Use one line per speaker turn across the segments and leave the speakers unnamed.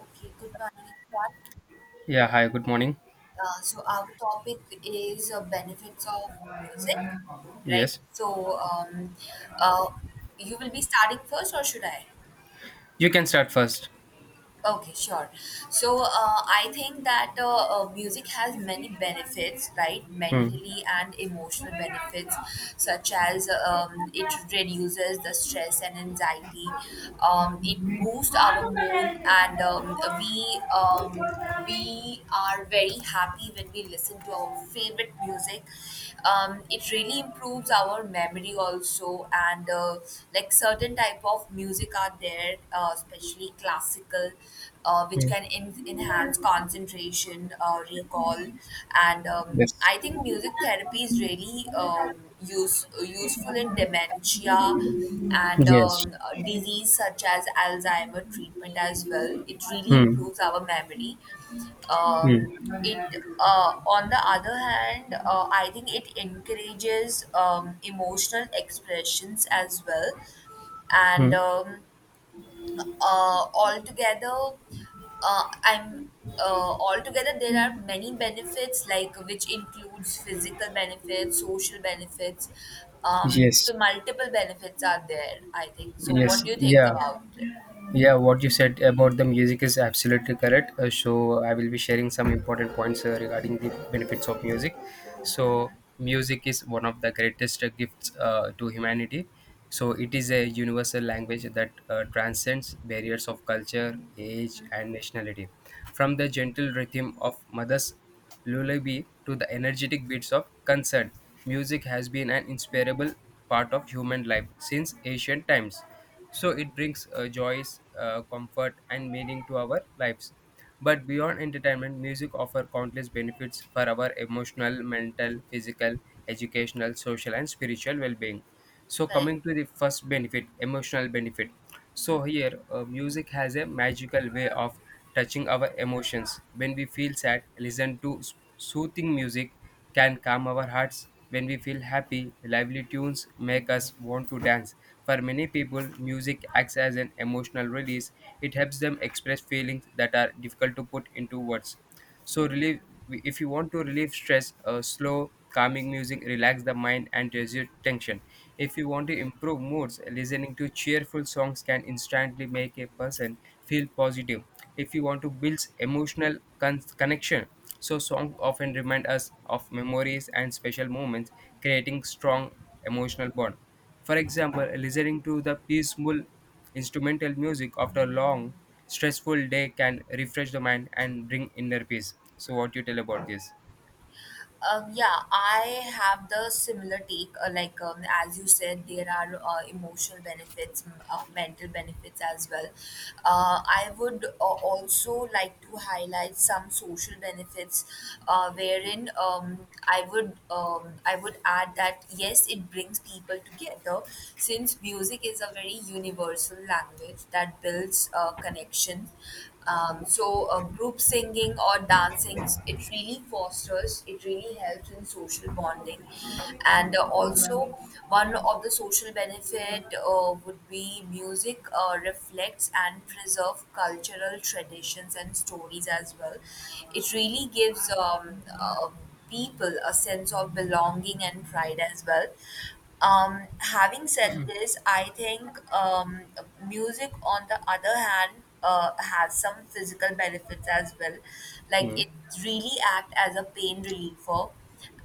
Okay, good morning. Everyone.
Yeah, hi, good morning.
So our topic is benefits of music, right?
Yes,
Uh, you will be starting first, or should I?
you can start first.
Okay, sure. So I think that music has many benefits, right?
Hmm.
Mentally and emotional benefits, such as it reduces the stress and anxiety. It boosts our mood, and we are very happy when we listen to our favorite music. It really improves our memory also, and like certain type of music are there, especially classical, which
Hmm.
can enhance concentration, recall, and
Yes.
I think music therapy is really useful in dementia and
Yes.
disease such as Alzheimer treatment as well. It really
Hmm.
improves our memory um,
Hmm.
it On the other hand, I think it encourages emotional expressions as well, and
Hmm.
uh, altogether uh, i'm altogether there are many benefits, like which includes physical benefits, social benefits.
Yes.
So multiple benefits are there, I think. So
Yes.
what do you think
Yeah.
about it?
Yeah, what you said about the music is absolutely correct. So I will be sharing some important points regarding the benefits of music. So music is one of the greatest gifts to humanity. So it is a universal language that transcends barriers of culture, age, and nationality from the gentle rhythm of mother's lullaby to the energetic beats of concert. Music has been an inseparable part of human life since ancient times. So it brings joys, comfort, and meaning to our lives. But beyond entertainment, music offers countless benefits for our emotional, mental, physical, educational, social, and spiritual well being. So,
Correct.
coming to the first benefit, emotional benefit. So here, music has a magical way of touching our emotions. When we feel sad, listen to soothing music can calm our hearts. When we feel happy, lively tunes make us want to dance. For many people, music acts as an emotional release. It helps them express feelings that are difficult to put into words. So relieve if you want to relieve stress, slow calming music relax the mind and reduce tension. If you want to improve moods, listening to cheerful songs can instantly make a person feel positive. If you want to build emotional connection, so songs often remind us of memories and special moments, creating strong emotional bond. For example, listening to the peaceful instrumental music after a long, stressful day can refresh the mind and bring inner peace. So, what you tell about this?
Yeah, I have the similar take. As you said, there are emotional benefits, mental benefits as well. I would also like to highlight some social benefits, wherein I would add that yes, it brings people together, since music is a very universal language that builds connection. So, group singing or dancing it really helps in social bonding. And also, one of the social benefit would be music reflects and preserve cultural traditions and stories as well. It really gives uh, people a sense of belonging and pride as well. Having said this, I think music, on the other hand, has some physical benefits as well, like
Hmm.
it really act as a pain reliever,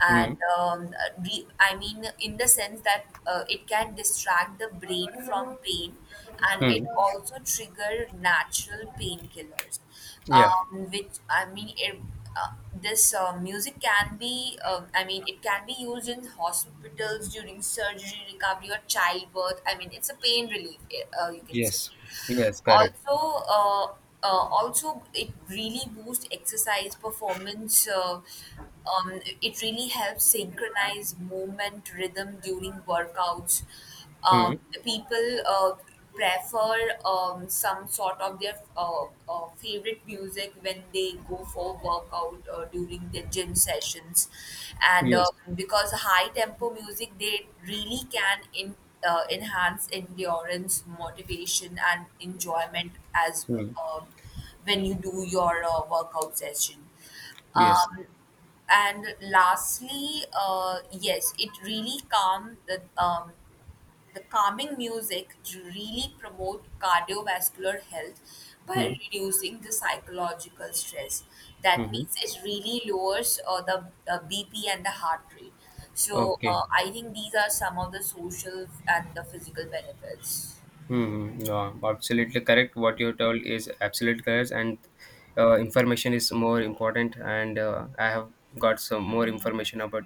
and
Hmm.
in the sense that it can distract the brain from pain, and
Hmm.
it also trigger natural painkillers,
Yeah.
which I mean it, this music can be it can be used in hospitals during surgery recovery or childbirth. I mean, it's a pain relief, you can say.
Yes. Yes. Correct.
Also, also it really boosts exercise performance. It really helps synchronize movement rhythm during workouts.
Hmm.
Um, People prefer some sort of their favorite music when they go for workout during their gym sessions, and
Yes.
because high tempo music, they really can in enhance endurance, motivation, and enjoyment as
Hmm.
um when you do your workout session.
Yes.
Um, and lastly, yes, it really calm the calming music really promote cardiovascular health
Hmm.
by reducing the psychological stress. That
Mm-hmm.
means it really lowers the bp and the heart rate. So
Okay.
I think these are some of the social and the physical benefits.
Hmm. Yeah, absolutely correct. What you told is absolutely correct, and information is more important. And I have got some more information about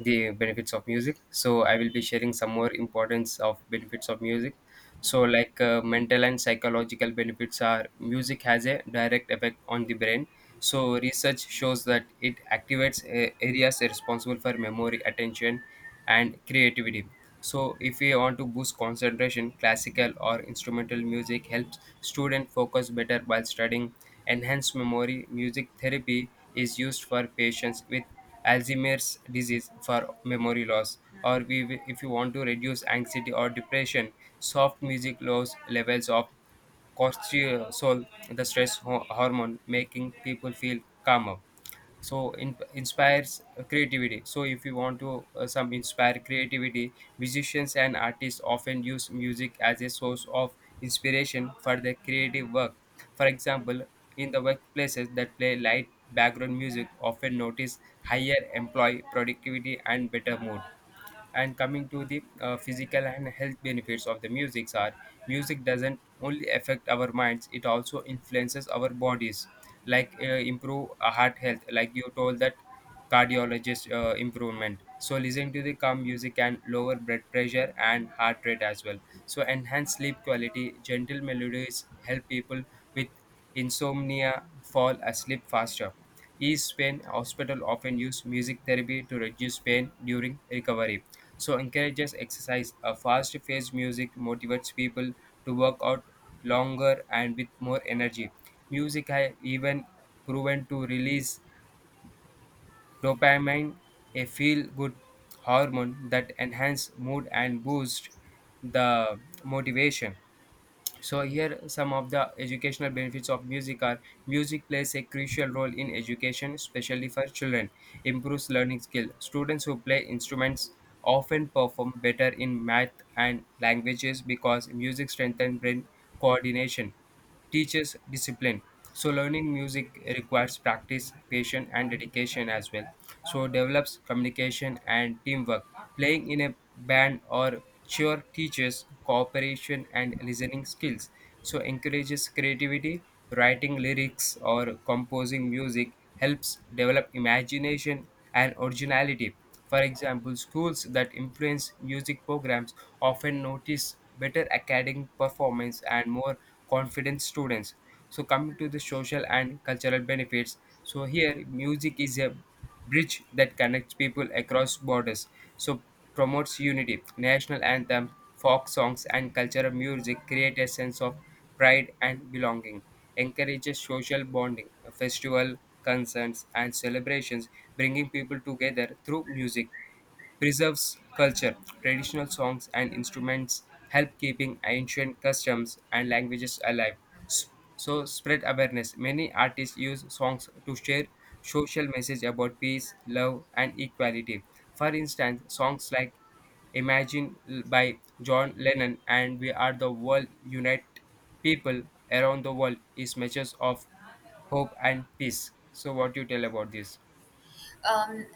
the benefits of music. So I will be sharing some more importance of benefits of music. So, like mental and psychological benefits are music has a direct effect on the brain. So, research shows that it activates areas responsible for memory, attention, and creativity. So, if we want to boost concentration, classical or instrumental music helps students focus better while studying. Enhanced memory music therapy is used for patients with Alzheimer's disease for memory loss. Or we, if you want to reduce anxiety or depression, soft music lowers levels of cortisol, the stress hormone, making people feel calmer. So in, inspires creativity. So if you want to some inspire creativity, musicians and artists often use music as a source of inspiration for their creative work. For example, in the workplaces that play light background music often notice higher employee productivity and better mood, and coming to the physical and health benefits of the music, are music doesn't only affect our minds, it also influences our bodies like improve heart health like you told that cardiologist improvement. So listening to the calm music can lower blood pressure and heart rate as well. So enhance sleep quality, gentle melodies help people with insomnia fall asleep faster. East Pain Hospital often use music therapy to reduce pain during recovery. So encourages exercise. A fast paced music motivates people to work out longer and with more energy. Music has even proven to release dopamine, a feel good hormone that enhance mood and boost the motivation. So here some of the educational benefits of music are music plays a crucial role in education, especially for children. Improves learning skill, students who play instruments often perform better in math and languages because music strengthens brain coordination. Teaches discipline. So learning music requires practice, patience, and dedication as well. So develops communication and teamwork. Playing in a band or cheer teaches cooperation and listening skills. So encourages creativity. Writing lyrics or composing music helps develop imagination and originality. For example, schools that influence music programs often notice better academic performance and more confident students. So, coming to the social and cultural benefits, so here music is a bridge that connects people across borders. So, promotes unity. National anthems, folk songs, and cultural music create a sense of pride and belonging. Encourages social bonding, festival, concerts, and celebrations, bringing people together through music. Preserves culture. Traditional songs and instruments help keeping ancient customs and languages alive. S- So spread awareness. Many artists use songs to share social message about peace, love, and equality. For instance, songs like Imagine by John Lennon and We Are the World Unite People Around the World is messages of hope and peace. So what do you tell about this?
Um,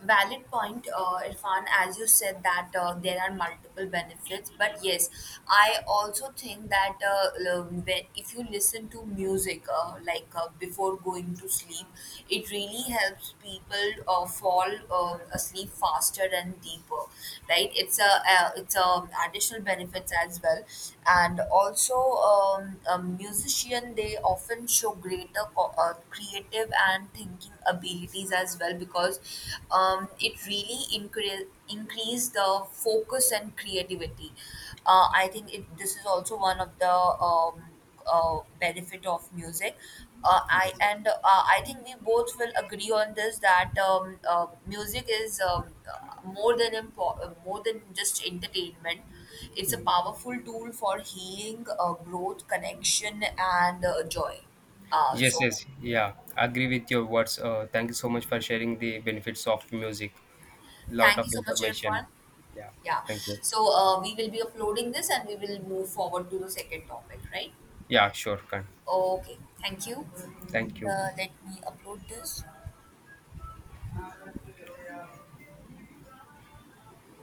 Valid point, Irfan, as you said that there are multiple benefits. But yes, I also think that if you listen to music, before going to sleep, it really helps people fall asleep faster and deeper. Right? It's a additional benefits as well, and also a musician they often show greater creative and thinking abilities as well, because it really increase the focus and creativity. This is also one of the um, benefit of music.
Yes.
I think we both will agree on this that music is more than just entertainment. It's a powerful tool for healing, growth, connection, and joy. Uh,
Yes,
so,
yes, yeah, agree with your words. Thank you so much for sharing the benefits of music. Lot
Thank
of
you so much,
information.
Irfan.
Yeah,
Yeah.
thank you.
So we will be uploading this, and we will move forward to the second topic, right?
Yeah, sure, can.
Okay. Thank you.
Thank you.
Let me upload this.